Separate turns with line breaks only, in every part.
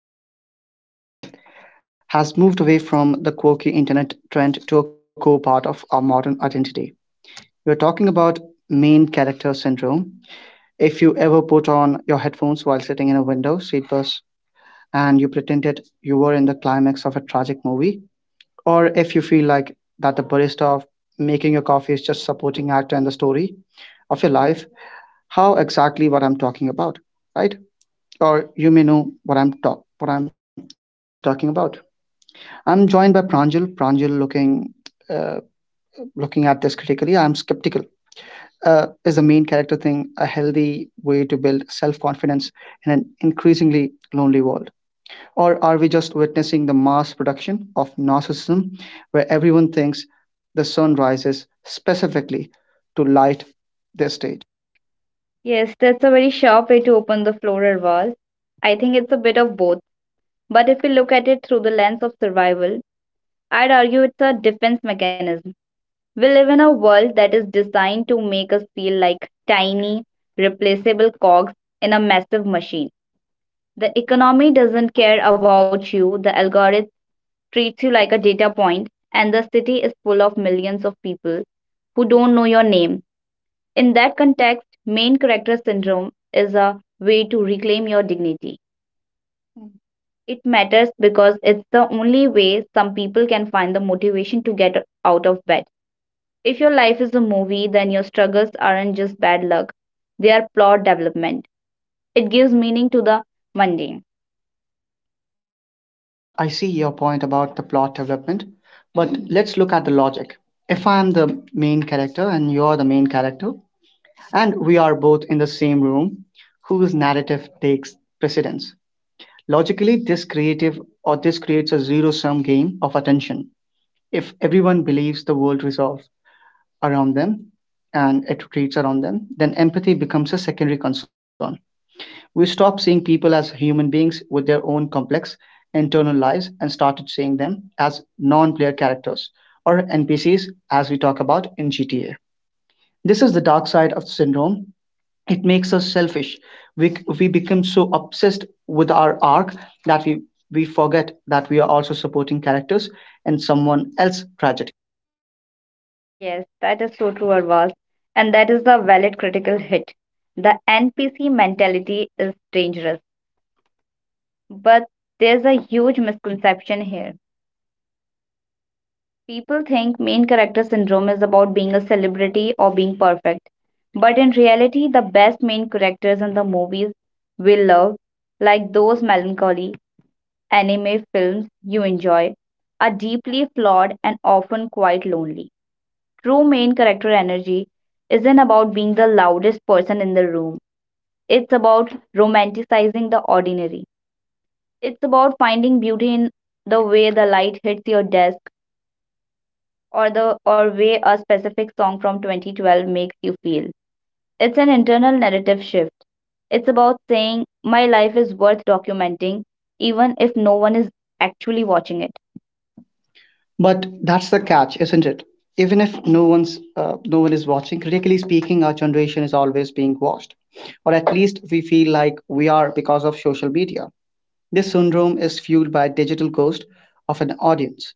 phenomena that has moved away from the quirky internet trend to a core part of our modern identity. We're talking about main character syndrome. If you ever put on your headphones while sitting in a window seat bus and you pretended you were in the climax of a tragic movie, or if you feel like that the barista of making your coffee is just supporting actor in the story of your life, how exactly what I'm talking about, right? Or you may know what I'm talk what I'm talking about. I'm joined by Pranjal. Pranjal, looking uh, looking at this critically, I'm skeptical. Is the main character thing a healthy way to build self confidence in an increasingly lonely world, or are we just witnessing the mass production of narcissism, where everyone thinks the sun rises specifically to light their stage?
Yes, that's a very sharp way to open the floral vase. I think it's a bit of both. But if we look at it through the lens of survival, I'd argue it's a defense mechanism. We live in a world that is designed to make us feel like tiny, replaceable cogs in a massive machine. The economy doesn't care about you, the algorithm treats you like a data point, and the city is full of millions of people who don't know your name. In that context, main character syndrome is a way to reclaim your dignity. Mm. It matters because it's the only way some people can find the motivation to get out of bed. If your life is a movie, then your struggles aren't just bad luck, they are plot development. It gives meaning to the mundane.
I see your point about the plot development, but let's look at the logic. If I am the main character and you are the main character, and we are both in the same room, whose narrative takes precedence? Logically, this creative or this creates a zero sum game of attention. If everyone believes the world resolves around them and it retreats around them, then empathy becomes a secondary concern. We stopped seeing people as human beings with their own complex internal lives and started seeing them as non player characters or NPCs as we talk about in GTA. This is the dark side of the syndrome. It makes us selfish. We become so obsessed with our arc that we forget that we are also supporting characters in someone else's tragedy.
Yes, that is so true, Arvaz. And that is the valid critical hit. The NPC mentality is dangerous, but there's a huge misconception here. People think main character syndrome is about being a celebrity or being perfect. But in reality, the best main characters in the movies we love, like those melancholy anime films you enjoy, are deeply flawed and often quite lonely. True main character energy isn't about being the loudest person in the room, it's about romanticizing the ordinary. It's about finding beauty in the way the light hits your desk or the or way a specific song from 2012 makes you feel. It's an internal narrative shift. It's about saying my life is worth documenting even if no one is actually watching it.
But that's the catch, isn't it? Even if no one is watching, critically speaking, our generation is always being watched, or at least we feel like we are because of social media. This syndrome is fueled by a digital ghost of an audience.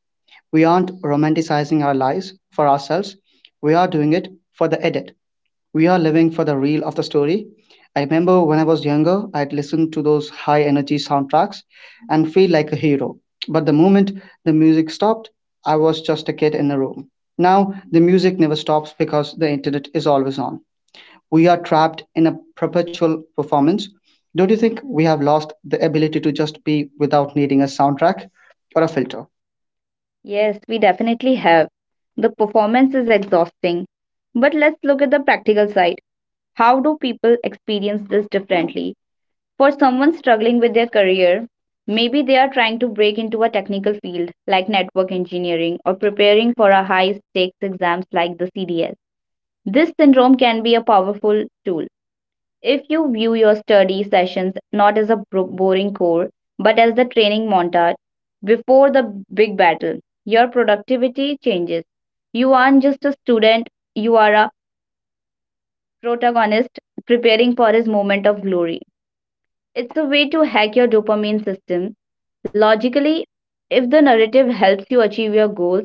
We aren't romanticizing our lives for ourselves, we are doing it for the edit. We are living for the reel of the story. I remember when I was younger, I'd listen to those high energy soundtracks and feel like a hero. But the moment the music stopped, I was just a kid in a room. Now, the music never stops because the internet is always on we are trapped in a perpetual performance. Don't you think we have lost the ability to just be without needing a soundtrack or a filter?
Yes, we definitely have. The performance is exhausting. But let's look at the practical side. How do people experience this differently? For someone struggling with their career, maybe they are trying to break into a technical field like network engineering or preparing for a high stakes exams like the CDS. This syndrome can be a powerful tool. If you view your study sessions not as a boring core, but as the training montage before the big battle, your productivity changes. You aren't just a student, you are a protagonist preparing for his moment of glory. It's a way to hack your dopamine system. Logically, if the narrative helps you achieve your goals,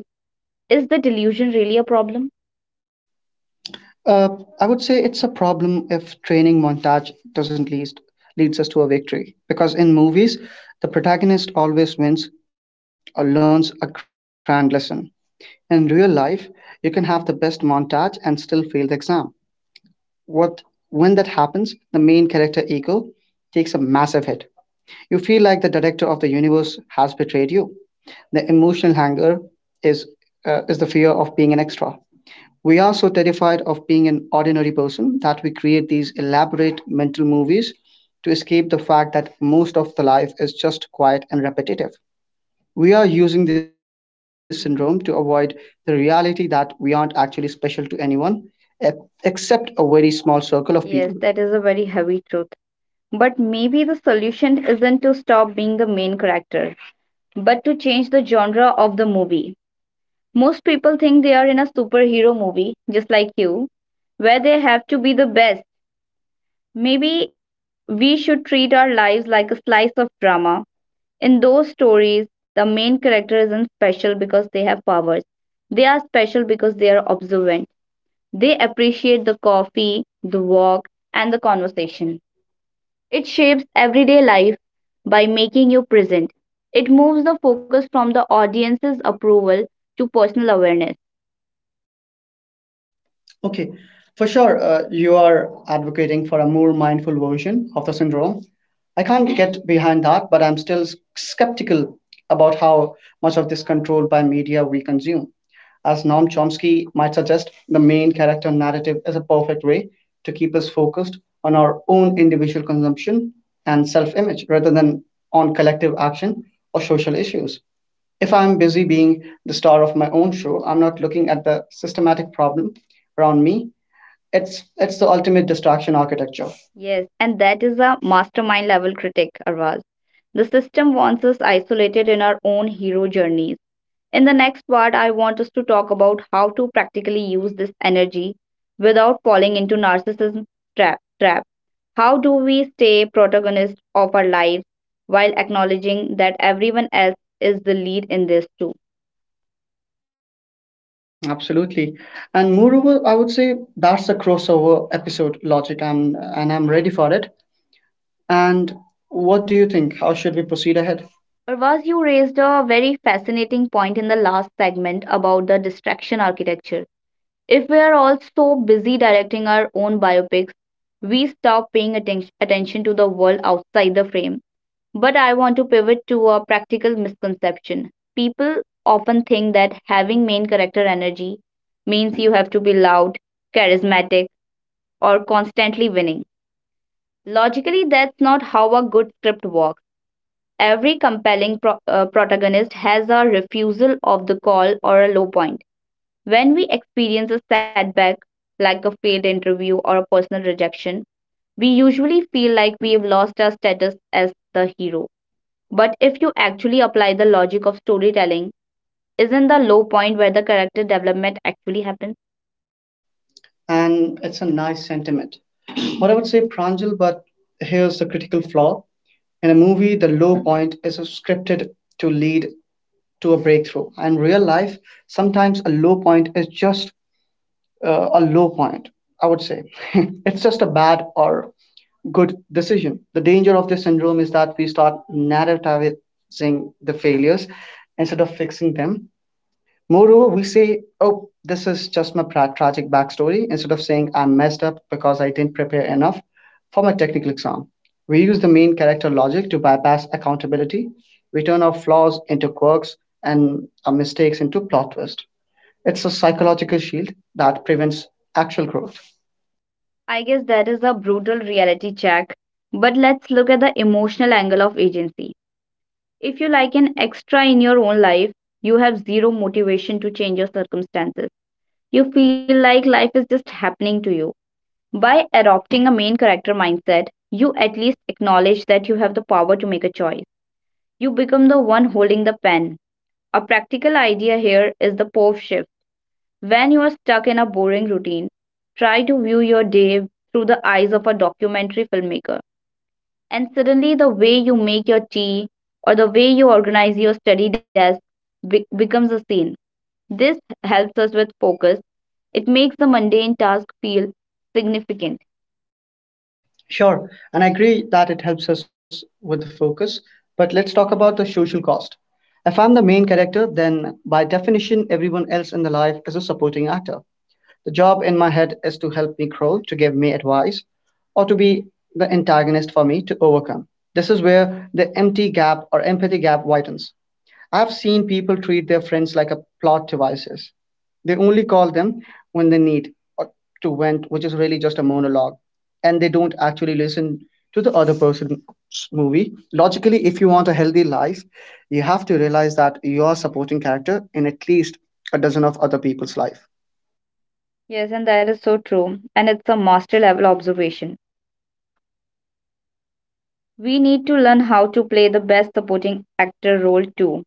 is the delusion really a problem?
Uh, I would say it's a problem if training montage doesn't lead leads us to a victory because in movies the protagonist always wins or learns a grand lesson. In real life, you can have the best montage and still fail the exam. What when that happens, the main character ego takes a massive hit. You feel like the director of the universe has betrayed you. The emotional hunger is, is the fear of being an extra. We are so terrified of being an ordinary person that we create these elaborate mental movies to escape the fact that most of the life is just quiet and repetitive. We are using this syndrome to avoid the reality that we aren't actually special to anyone, e- except a very small circle of people.
Yes, that is a very heavy truth. But maybe the solution isn't to stop being the main character, but to change the genre of the movie. Most people think they are in a superhero movie, just like you, where they have to be the best. Maybe we should treat our lives like a slice of drama. In those stories, the main character isn't special because they have powers. They are special because they are observant. They appreciate the coffee, the walk, and the conversation. It shapes everyday life by making you present. It moves the focus from the audience's approval to personal awareness.
Okay, for sure, you are advocating for a more mindful version of the syndrome. I can't get behind that, but I'm still skeptical about how much of this control by media we consume. As Noam Chomsky might suggest, the main character narrative is a perfect way to keep us focused on our own individual consumption and self image rather than on collective action or social issues. If I'm busy being the star of my own show, I'm not looking at the systematic problem around me. It's the ultimate distraction architecture.
Yes, and that is a mastermind level critic, Arvaz. The system wants us isolated in our own hero journeys. In the next part, I want us to talk about how to practically use this energy without falling into narcissism trap. How do we stay protagonist of our lives while acknowledging that everyone else is the lead in this too?
Absolutely. And moreover, I would say that's the crossover episode logic and I'm ready for it. And what do you think? How should we proceed ahead?
Arvaz, you raised a very fascinating point in the last segment about the distraction architecture. If we are all so busy directing our own biopics, we stop paying attention to the world outside the frame. But I want to pivot to a practical misconception. People often think that having main character energy means you have to be loud, charismatic, or constantly winning. Logically, that's not how a good script works. Every compelling protagonist has a refusal of the call or a low point. When we experience a setback, like a failed interview or a personal rejection, we usually feel like we've lost our status as the hero. But if you actually apply the logic of storytelling, isn't the low point where the character development actually happens?
And it's a nice sentiment. What I would say, Pranjal, but here's the critical flaw. In a movie, the low point is scripted to lead to a breakthrough. And real life, sometimes a low point is just a low point, I would say. it's just a bad or good decision. The danger of this syndrome is that we start narrativizing the failures instead of fixing them. Moreover, we say, oh, this is just my tragic backstory instead of saying I messed up because I didn't prepare enough for my technical exam. We use the main character logic to bypass accountability. We turn our flaws into quirks and our mistakes into plot twist. It's a psychological shield that prevents actual growth.
I guess that is a brutal reality check. But let's look at the emotional angle of agency. If you like an extra in your own life, you have zero motivation to change your circumstances. You feel like life is just happening to you. By adopting a main character mindset, you at least acknowledge that you have the power to make a choice. You become the one holding the pen. A practical idea here is the pov shift. When you are stuck in a boring routine, try to view your day through the eyes of a documentary filmmaker. And suddenly, the way you make your tea or the way you organize your study desk becomes a scene. This helps us with focus. It makes the mundane task feel significant.
Sure, and I agree that it helps us with the focus, but let's talk about the social cost. If I'm the main character, then by definition, everyone else in the life is a supporting actor. The job in my head is to help me grow, to give me advice, or to be the antagonist for me to overcome. This is where the empty gap or empathy gap widens. I've seen people treat their friends like a plot devices. They only call them when they need or to vent, which is really just a monologue, and they don't actually listen to the other person's movie. Logically, if you want a healthy life, you have to realize that you are supporting character in at least a dozen of other people's life.
Yes, and that is so true. And it's a master level observation. We need to learn how to play the best supporting actor role too.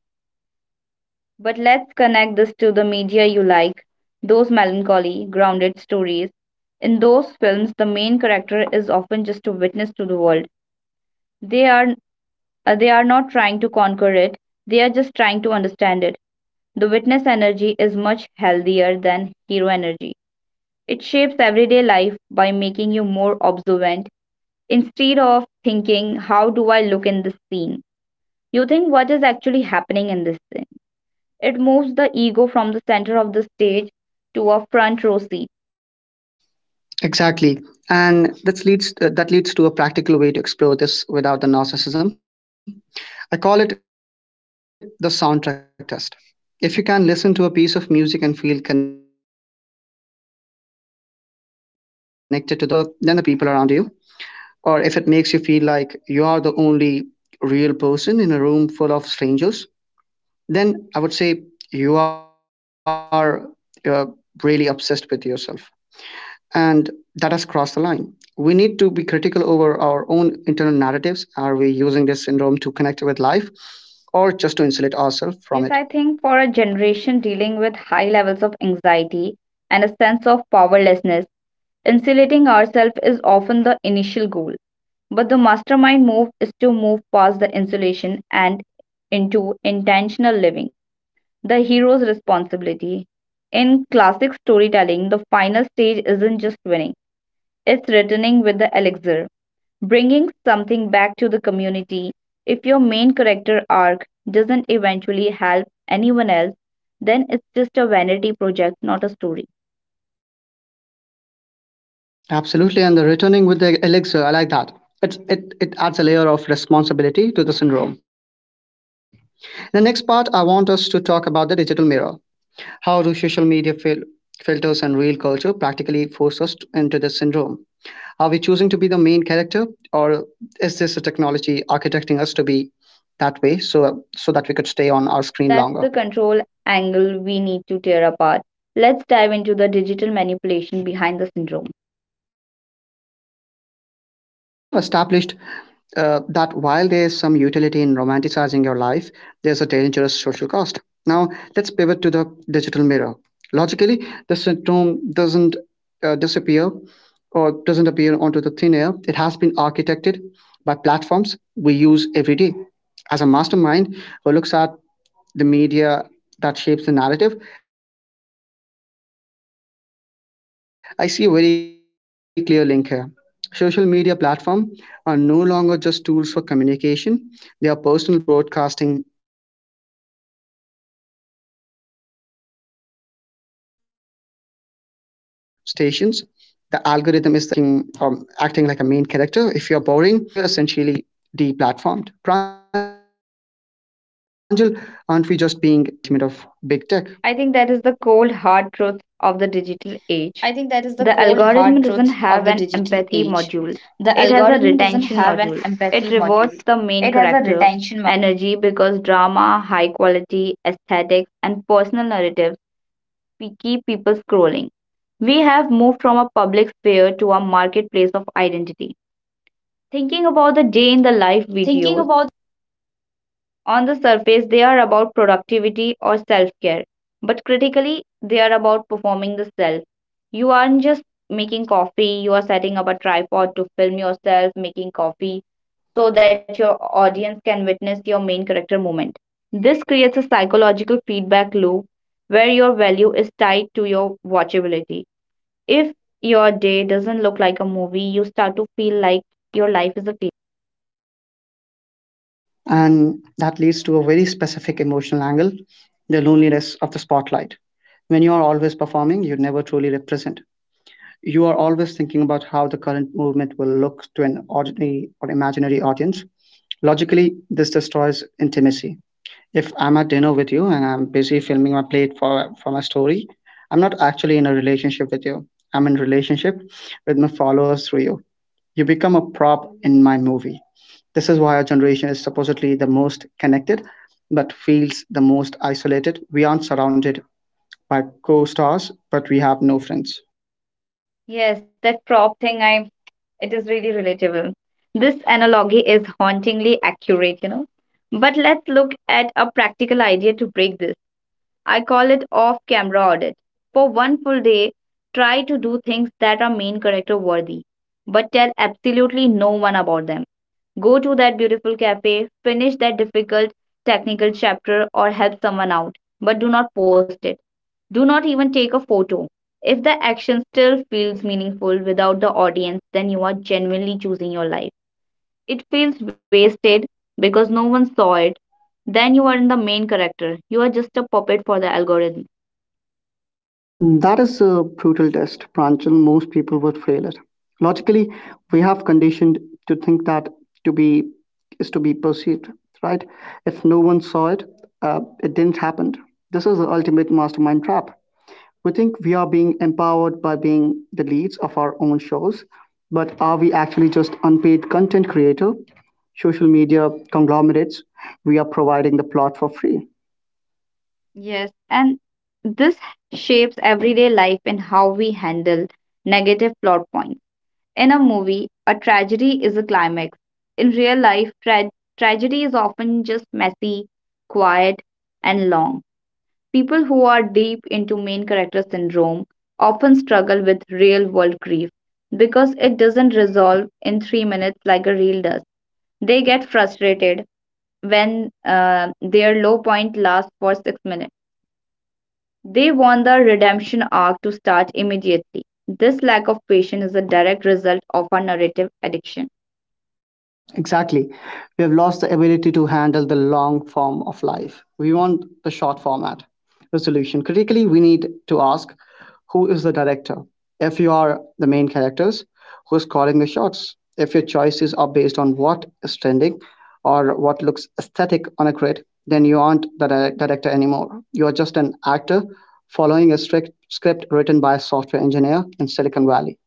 But let's connect this to the media you like, those melancholy, grounded stories. In those films, the main character is often just a witness to the world. They are they are not trying to conquer it, they are just trying to understand it. The witness energy is much healthier than hero energy. It shapes everyday life by making you more observant. Instead of thinking, how do I look in this scene? You think, what is actually happening in this scene? It moves the ego from the center of the stage to a front row seat.
Exactly. And that leads to a practical way to explore this without the narcissism. I call it the soundtrack test. If you can listen to a piece of music and feel connected to the world around you, that's healthy. But if the music makes you feel better than the people around you, or if it makes you feel like you are the only real person in a room full of strangers, then I would say you are uh, really obsessed with yourself and that has crossed the line. We need to be critical over our own internal narratives. Are we using this syndrome to connect with life or just to insulate ourselves from
Yes,
it?
I think for a generation dealing with high levels of anxiety and a sense of powerlessness, insulating ourselves is often the initial goal. But the mastermind move is to move past the insulation and into intentional living. The hero's responsibility. In classic storytelling, the final stage isn't just winning, it's returning with the elixir, bringing something back to the community. If your main character arc doesn't eventually help anyone else, then it's just a vanity project, not a story.
Absolutely. And the returning with the elixir, I like that. It adds a layer of responsibility to the syndrome. In the next part, I want us to talk about the digital mirror. How do social media filters and real culture practically force us to into this syndrome? Are we choosing to be the main character, or is this a technology architecting us to be that way so that we could stay on our screen longer?
That's the control angle we need to tear apart. Let's dive into the digital manipulation behind the syndrome.
We have established that while there's some utility in romanticizing your life, there's a dangerous social cost. Now, let's pivot to the digital mirror. Logically, the symptom doesn't disappear or doesn't appear onto the thin air. It has been architected by platforms we use every day. As a mastermind who looks at the media that shapes the narrative, I see a very clear link here. Social media platforms are no longer just tools for communication, they are personal broadcasting stations. The algorithm is the execution producer, the rewards you with liking or acting like a main character if you're boring if you are quiet, if you are not aesthetic, you're essentially deplatformed. Pranjal, aren't we just being trained to be narcissist because that's what generates the most engagement of big tech?
I
I
think
think
that is
that is
the
the
cold
cold
hard
hard
truth
truth
of
of
the
the
digital
digital
age.
age.
The
The algorithm
algorithm
doesn't
doesn't
have
have
an
an
empathy
empathy module.
module. It
It
has
has a
a retention.
retention module. It rewards the main character energy because drama, high quality, aesthetics, and personal narratives we keep people scrolling. We have moved from a public sphere to a marketplace of identity.
Thinking
Thinking
about
about the day in the life videos. On the surface, they are about productivity or self care, but critically, they are about performing the self. You aren't just making coffee, you are setting up a tripod to film yourself making coffee so that your audience can witness your main character moment. This creates a psychological feedback loop where your value is tied to your watchability. If your day doesn't look like a movie, you start to feel like your life is a TV.
and that leads to a very specific emotional angle the loneliness of the spotlight. When you are always performing, you never truly represent. You are always thinking about how the current movement will look to an ordinary or imaginary audience. Logically, this destroys intimacy. If I'm at dinner with you and I'm busy filming my plate for my story, I'm not actually in a relationship with you. I'm in relationship with my followers through you. You become a prop in my movie. This is why our generation is supposedly the most connected, but feels the most isolated. We aren't surrounded by co stars, but we have no friends.
Yes, that prop thing, I. It is really relatable. This analogy is hauntingly accurate, you know. But let's look at a practical idea to break this. I call it off camera audit. For one full day, try to do things that are main character worthy, but tell absolutely no one about them. Go to that beautiful cafe, finish that difficult technical chapter, or help someone out, but do not post it. Do not even take a photo. If the action still feels meaningful without the audience, then you are genuinely choosing your life. It feels wasted because no one saw it. Then you are in the main character. You are just a puppet for the algorithm.
That is a brutal test, Pranchal. Most people would fail it. Logically, we have conditioned to think that to be is to be perceived, right? If no one saw it, it didn't happen. This is the ultimate mastermind trap. We think we are being empowered by being the leads of our own shows, but are we actually just unpaid content creator, social media conglomerates? We are providing the plot for free.
Yes, and this shapes everyday life and how we handle negative plot points. In a movie, a tragedy is a climax. In real life, tragedy is often just messy, quiet, and long. People who are deep into main character syndrome often struggle with real world grief because it doesn't resolve in 3 minutes like a reel does. They get frustrated when their low point lasts for 6 minutes. They want the redemption arc to start immediately. This lack of patience is a direct result of our narrative addiction.
Exactly. We have lost the ability to handle the long form of life. We want the short format resolution. Critically, we need to ask who is the director? If you are the main characters, who is calling the shots? If your choices are based on what is trending or what looks aesthetic on a grid, then you aren't the director anymore. You are just an actor following a strict script written by a software engineer in Silicon Valley.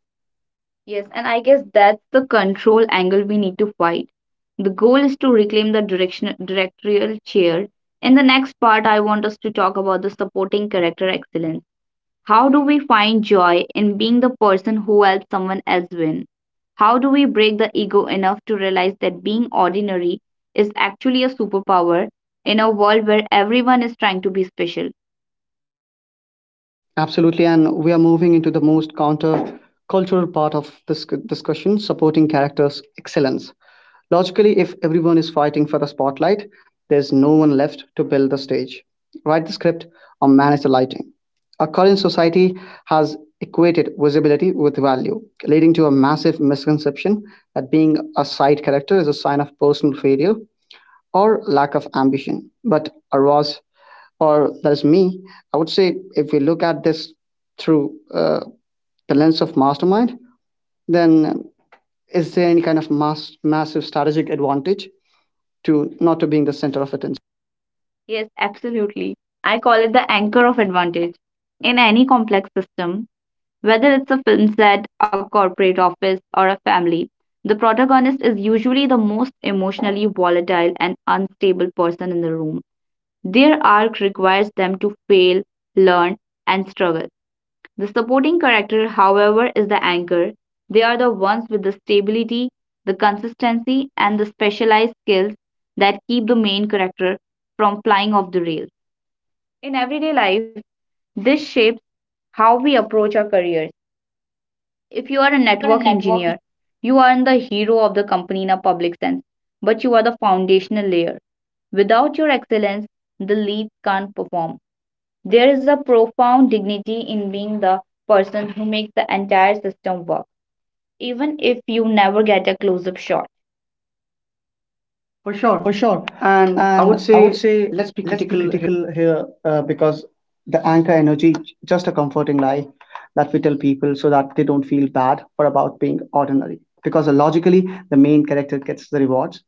Yes, and I guess that's the control angle we need to fight. The goal is to reclaim the directorial chair. In the next part, I want us to talk about the supporting character excellence. How do we find joy in being the person who helps someone else win? How do we break the ego enough to realize that being ordinary is actually a superpower in a world where everyone is trying to be special?
Absolutely, and we are moving into the most counter-cultural part of this discussion: supporting characters' excellence. Logically, if everyone is fighting for the spotlight, there's no one left to build the stage, write the script, or manage the lighting. Our current society has equated visibility with value, leading to a massive misconception that being a side character is a sign of personal failure or lack of ambition. But or was, or that's me. I would say if we look at this through the lens of mastermind, then is there any kind of massive strategic advantage to not to being the center of attention?
Yes, absolutely. I call it the anchor of advantage. In any complex system, whether it's a film set, a corporate office, or a family, the protagonist is usually the most emotionally volatile and unstable person in the room. Their arc requires them to fail, learn, and struggle. The supporting character, however, is the anchor. They are the ones with the stability, the consistency, and the specialized skills that keep the main character from flying off the rails. In everyday life, this shapes how we approach our careers. If you are a
If you are a
network
networking
engineer, you aren't the hero of the company in a public sense, but you are the foundational layer. Without your excellence, the leads can't perform. There is a profound dignity in being the person who makes the entire system work, even if you never get a close up shot. For
for
sure.
sure.
And I would
And I would
say,
say
let's be
let's be
critical.
critical here, because the anchor energy just a comforting lie that we tell people so that they don't feel bad for about being ordinary, because logically the main character gets the rewards,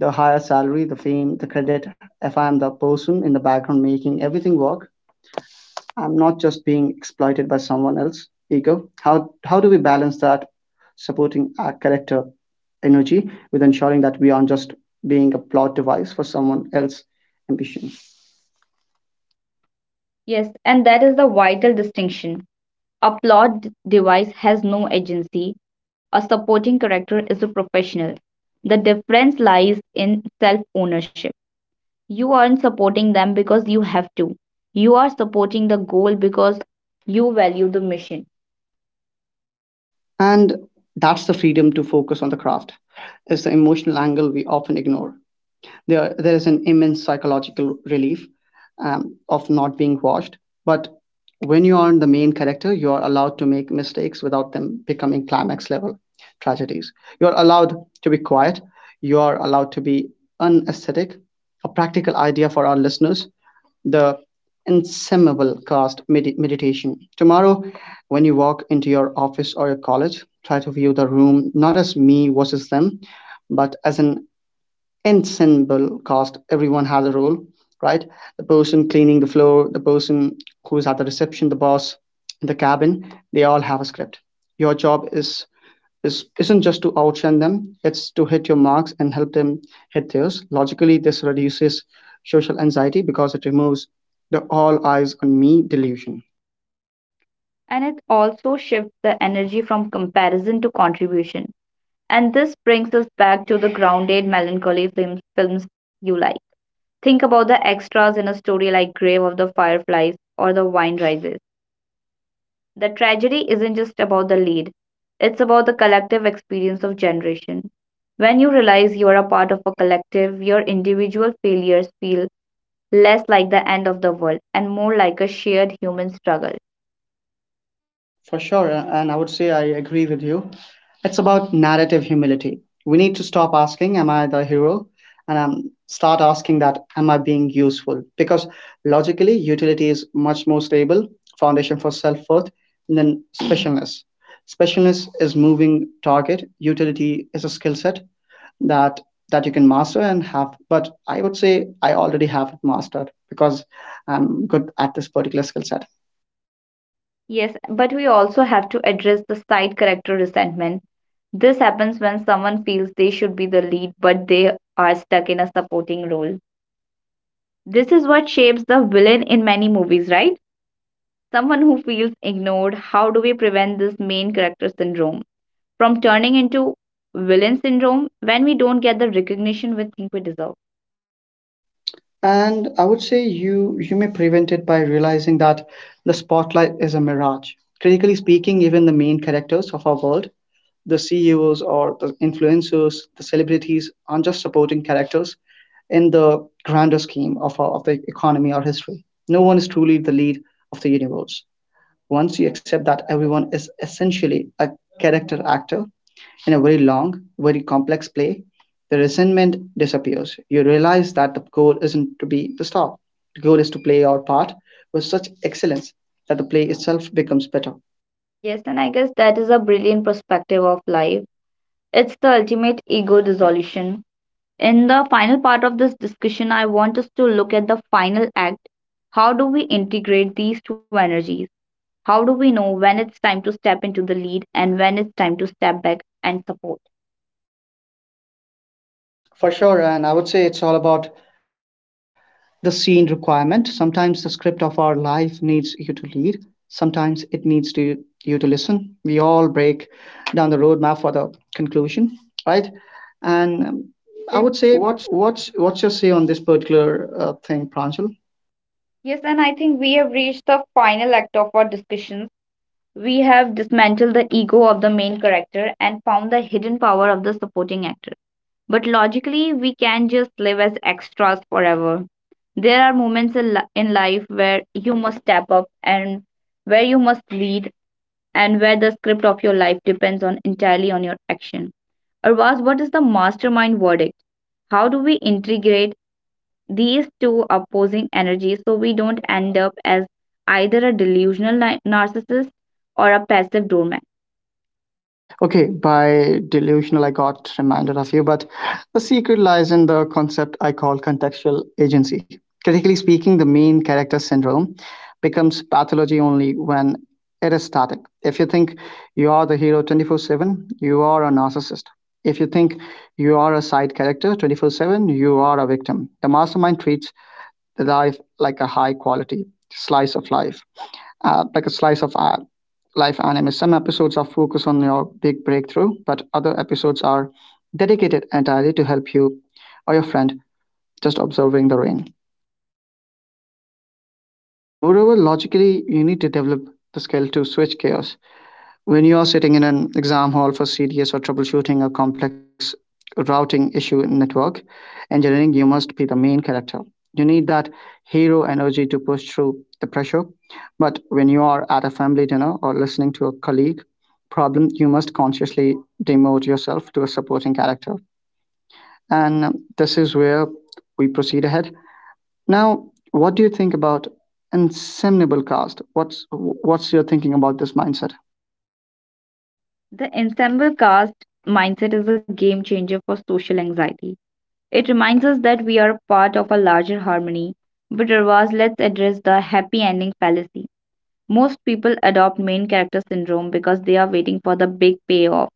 the higher salary, the fame, the credit. If I'm the person in the background making everything work, I'm not just being exploited by someone else ego. How do we balance that supporting our character energy with ensuring that we aren't just being a plot device for someone else's ambition?
Yes, and that is the vital distinction. A device has no agency, a supporting character is a professional. The difference lies in self ownership. You aren't supporting them because you have to, you are supporting the goal because you value the mission.
And that's the freedom to focus on the craft is the emotional angle we often ignore. There is an immense psychological relief, of not being watched. But when you are the main character, you are allowed to make mistakes without them becoming climax level tragedies. You are allowed to be quiet, you are allowed to be unesthetic. A practical idea for our listeners: the inseminable cast meditation tomorrow. When you walk into your office or your college, try to view the room not as me versus them, but as an ensemble cast. Everyone has a role, right? The person cleaning the floor, the person who's at the reception, the boss in the cabin, they all have a script. Your job is isn't just to outshine them, it's to hit your marks and help them hit theirs. Logically, this reduces social anxiety because it removes the all eyes on me delusion.
And it also shifts the energy from comparison to contribution. And this brings us back to the grounded melancholy films, films you like. Think about the extras in a story like Grave of the Fireflies or The Wine Rises. The tragedy isn't just about the lead, it's about the collective experience of generation. When you realize you are a part of a collective, your individual failures feel less like the end of the world and more like a shared human struggle.
For sure, and I would say I agree with you. It's about narrative humility. We need to stop asking, am I the hero? And start asking that, am I being useful? Because logically, utility is much more stable foundation for self worth than specialness. Specialness is moving target, utility is a skill set that that you can master and have. But I would say I already have it mastered because I'm good at this particular skill set.
Yes, but we also have to address the side character resentment. This happens when someone feels they should be the lead, but they are stuck in a supporting role. This is what shapes the villain in many movies, right? Someone who feels ignored. How do we prevent this main character syndrome from turning into villain syndrome when we don't get the recognition we think we deserve?
And I would say you may prevent it by realizing that the spotlight is a mirage. Critically speaking, even the main characters of our world, the CEOs or the influencers, the celebrities aren't just supporting characters in the grander scheme of, our, of the economy or history. No one is truly the lead of the universe. Once you accept that everyone is essentially a character actor, in a very long, very complex play, the resentment disappears. You realize that the goal isn't to be the star. The goal is to play your part with such excellence that the play itself becomes better.
Yes, and I guess that is a brilliant perspective of life. It's the ultimate ego dissolution. In the final part of this discussion, I want us to look at the final act. How do we integrate these two energies? How do we know when it's time to step into the lead and when it's time to step back and support?
For sure, and I would say it's all about the scene requirement. Sometimes the script of our life needs you to lead. Sometimes it needs to you to listen. We all break down the roadmap for the conclusion, right? And
I would
I
say
would say,
what's.
what's your say on this particular thing, Pranjal?
Yes, and I think we have reached the final act of our discussions. We have dismantled the ego of the main character and found the hidden power of the supporting actor. But logically, we can just live as extras forever. There are moments in life where you must step up and where you must lead and where the script of your life depends on entirely on your action. Arvaz, what is the mastermind verdict? How do we integrate these two opposing energies so we don't end up as either a delusional narcissist or a passive doormat?
Okay, by delusional, I got reminded of you, but the secret lies in the concept I call contextual agency. Critically speaking, the main character syndrome becomes pathology only when it is static. If you think you are the hero 24/7, you are a narcissist. If you think you are a side character 24/7, you are a victim. The mastermind treats the life like a high quality slice of life, like a slice of art life anime. Some episodes are focused on your big breakthrough, but other episodes are dedicated entirely to help you or your friend just observing the rain. And moreover, logically, you need to develop the skill to switch gears. When you are sitting in an exam hall for CDS or troubleshooting a complex routing issue in network engineering, you must be the main character. You need that hero energy to push through the pressure. But when you are at a family dinner or listening to a colleague problem, you must consciously demote yourself to a supporting character. And this is where we proceed ahead. Now, what do you think about inseminable cast? What's your thinking about this mindset?
The ensemble cast mindset is a game changer for social anxiety. It reminds us that we are part of a larger harmony. But Ravaz, let's address the happy ending fallacy. Most people adopt main character syndrome because they are waiting for the big payoff,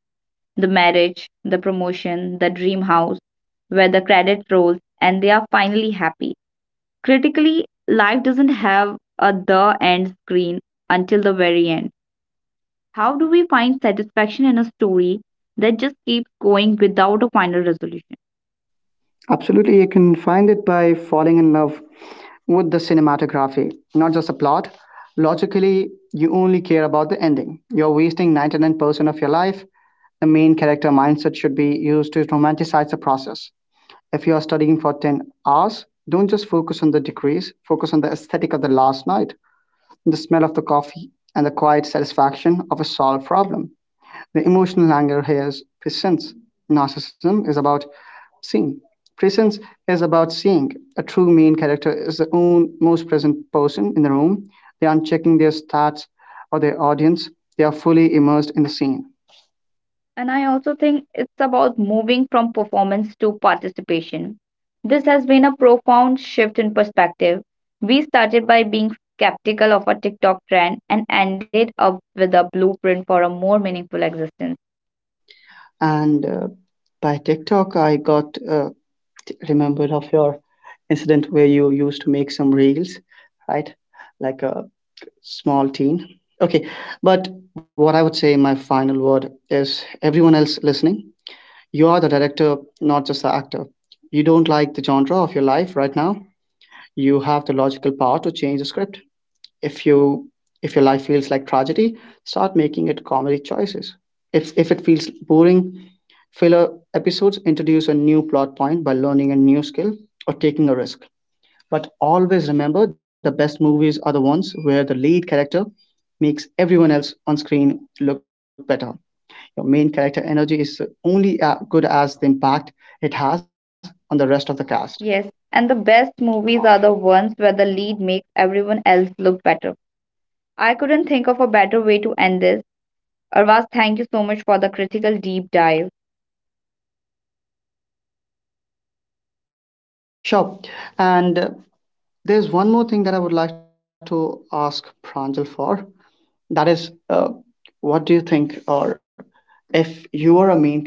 the marriage, the promotion, the dream house, where the credit rolls, and they are finally happy. Critically, life doesn't have a the end screen until the very end. How do we find satisfaction in a story that just keeps going without a final resolution?
Absolutely, you can find it by falling in love with the cinematography, not just the plot. Logically, you only care about the ending. You're wasting 99% of your life. The main character mindset should be used to romanticize the process. If you are studying for 10 hours, don't just focus on the degrees, focus on the aesthetic of the last night, the smell of the coffee, and the quiet satisfaction of a solved problem. The emotional anger here is presence. Narcissism is about seeing. Presence is about seeing. A true main character is the own most present person in the room. They aren't checking their stats or their audience. They are fully immersed in the scene.
And I also think it's about moving from performance to participation. This has been a profound shift in perspective. We started by being skeptical of a TikTok trend and ended up with a blueprint for a more meaningful existence.
And by TikTok, I got remembered of your incident where you used to make some reels, right? Like a small teen. Okay, but what I would say, my final word is everyone else listening, you are the director, not just the actor. You don't like the genre of your life right now. You have the logical power to change the script. If you if your life feels like tragedy, start making it comedy choices. If it feels boring, filler episodes introduce a new plot point by learning a new skill or taking a risk. But always remember the best movies are the ones where the lead character makes everyone else on screen look better. Your main character energy is only as good as the impact it has on the rest of the cast.
Yes, and the best movies are the ones where the lead makes everyone else look better. I couldn't think of a better way to end this. Arvaz, thank you so much for the critical deep dive.
Sure. And there's one more thing that I would like to ask Pranjal for. That is, what do you think, or if you were a main character,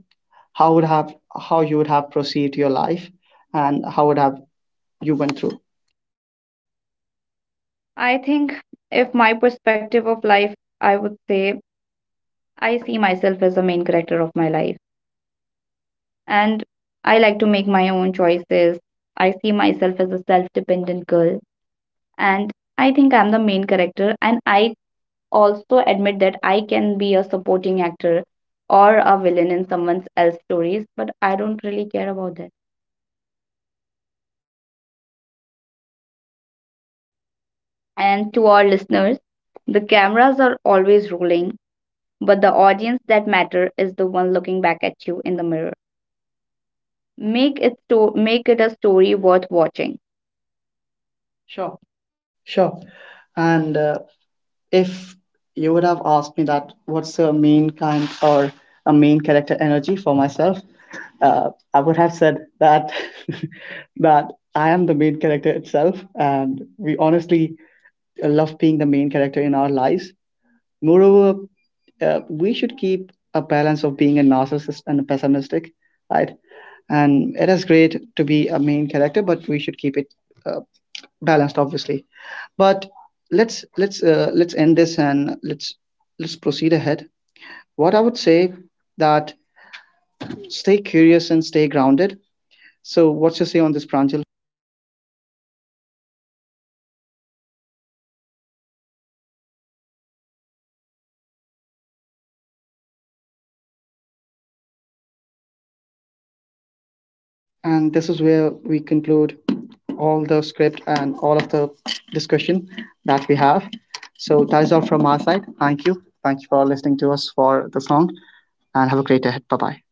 how would have how you would have proceeded your life, and how would have you went through?
I think if my perspective of life, I would say I see myself as the main character of my life, and I like to make my own choices. I see myself as a self dependent girl, and I think I'm the main character. And I also admit that I can be a supporting actor or a villain in someone else's stories, but I don't really care about that. And to our listeners, the cameras are always rolling, but the audience that matter is the one looking back at you in the mirror. Make it a story worth watching. Sure.
Sure. And if you would have asked me that, what's a main kind or a main character energy for myself? I would have said that that I am the main character itself, and we honestly love being the main character in our lives. Moreover, we should keep a balance of being a narcissist and a pessimistic, right? And it is great to be a main character, but we should keep it uh, balanced, obviously. But let's end this and let's proceed ahead. What I would say that stay curious and stay grounded. So, what's your say on this, Pranjal?
Thank you so much, Ravaz, for inviting me in the podcast. And to all our listeners, be a main character of your own story and be the director of your own story.
And this is where we conclude all the script and all of the discussion that we have. So, that is all from our side. Thank you. Thank you for listening to us for this long, and have a great day ahead. Bye bye.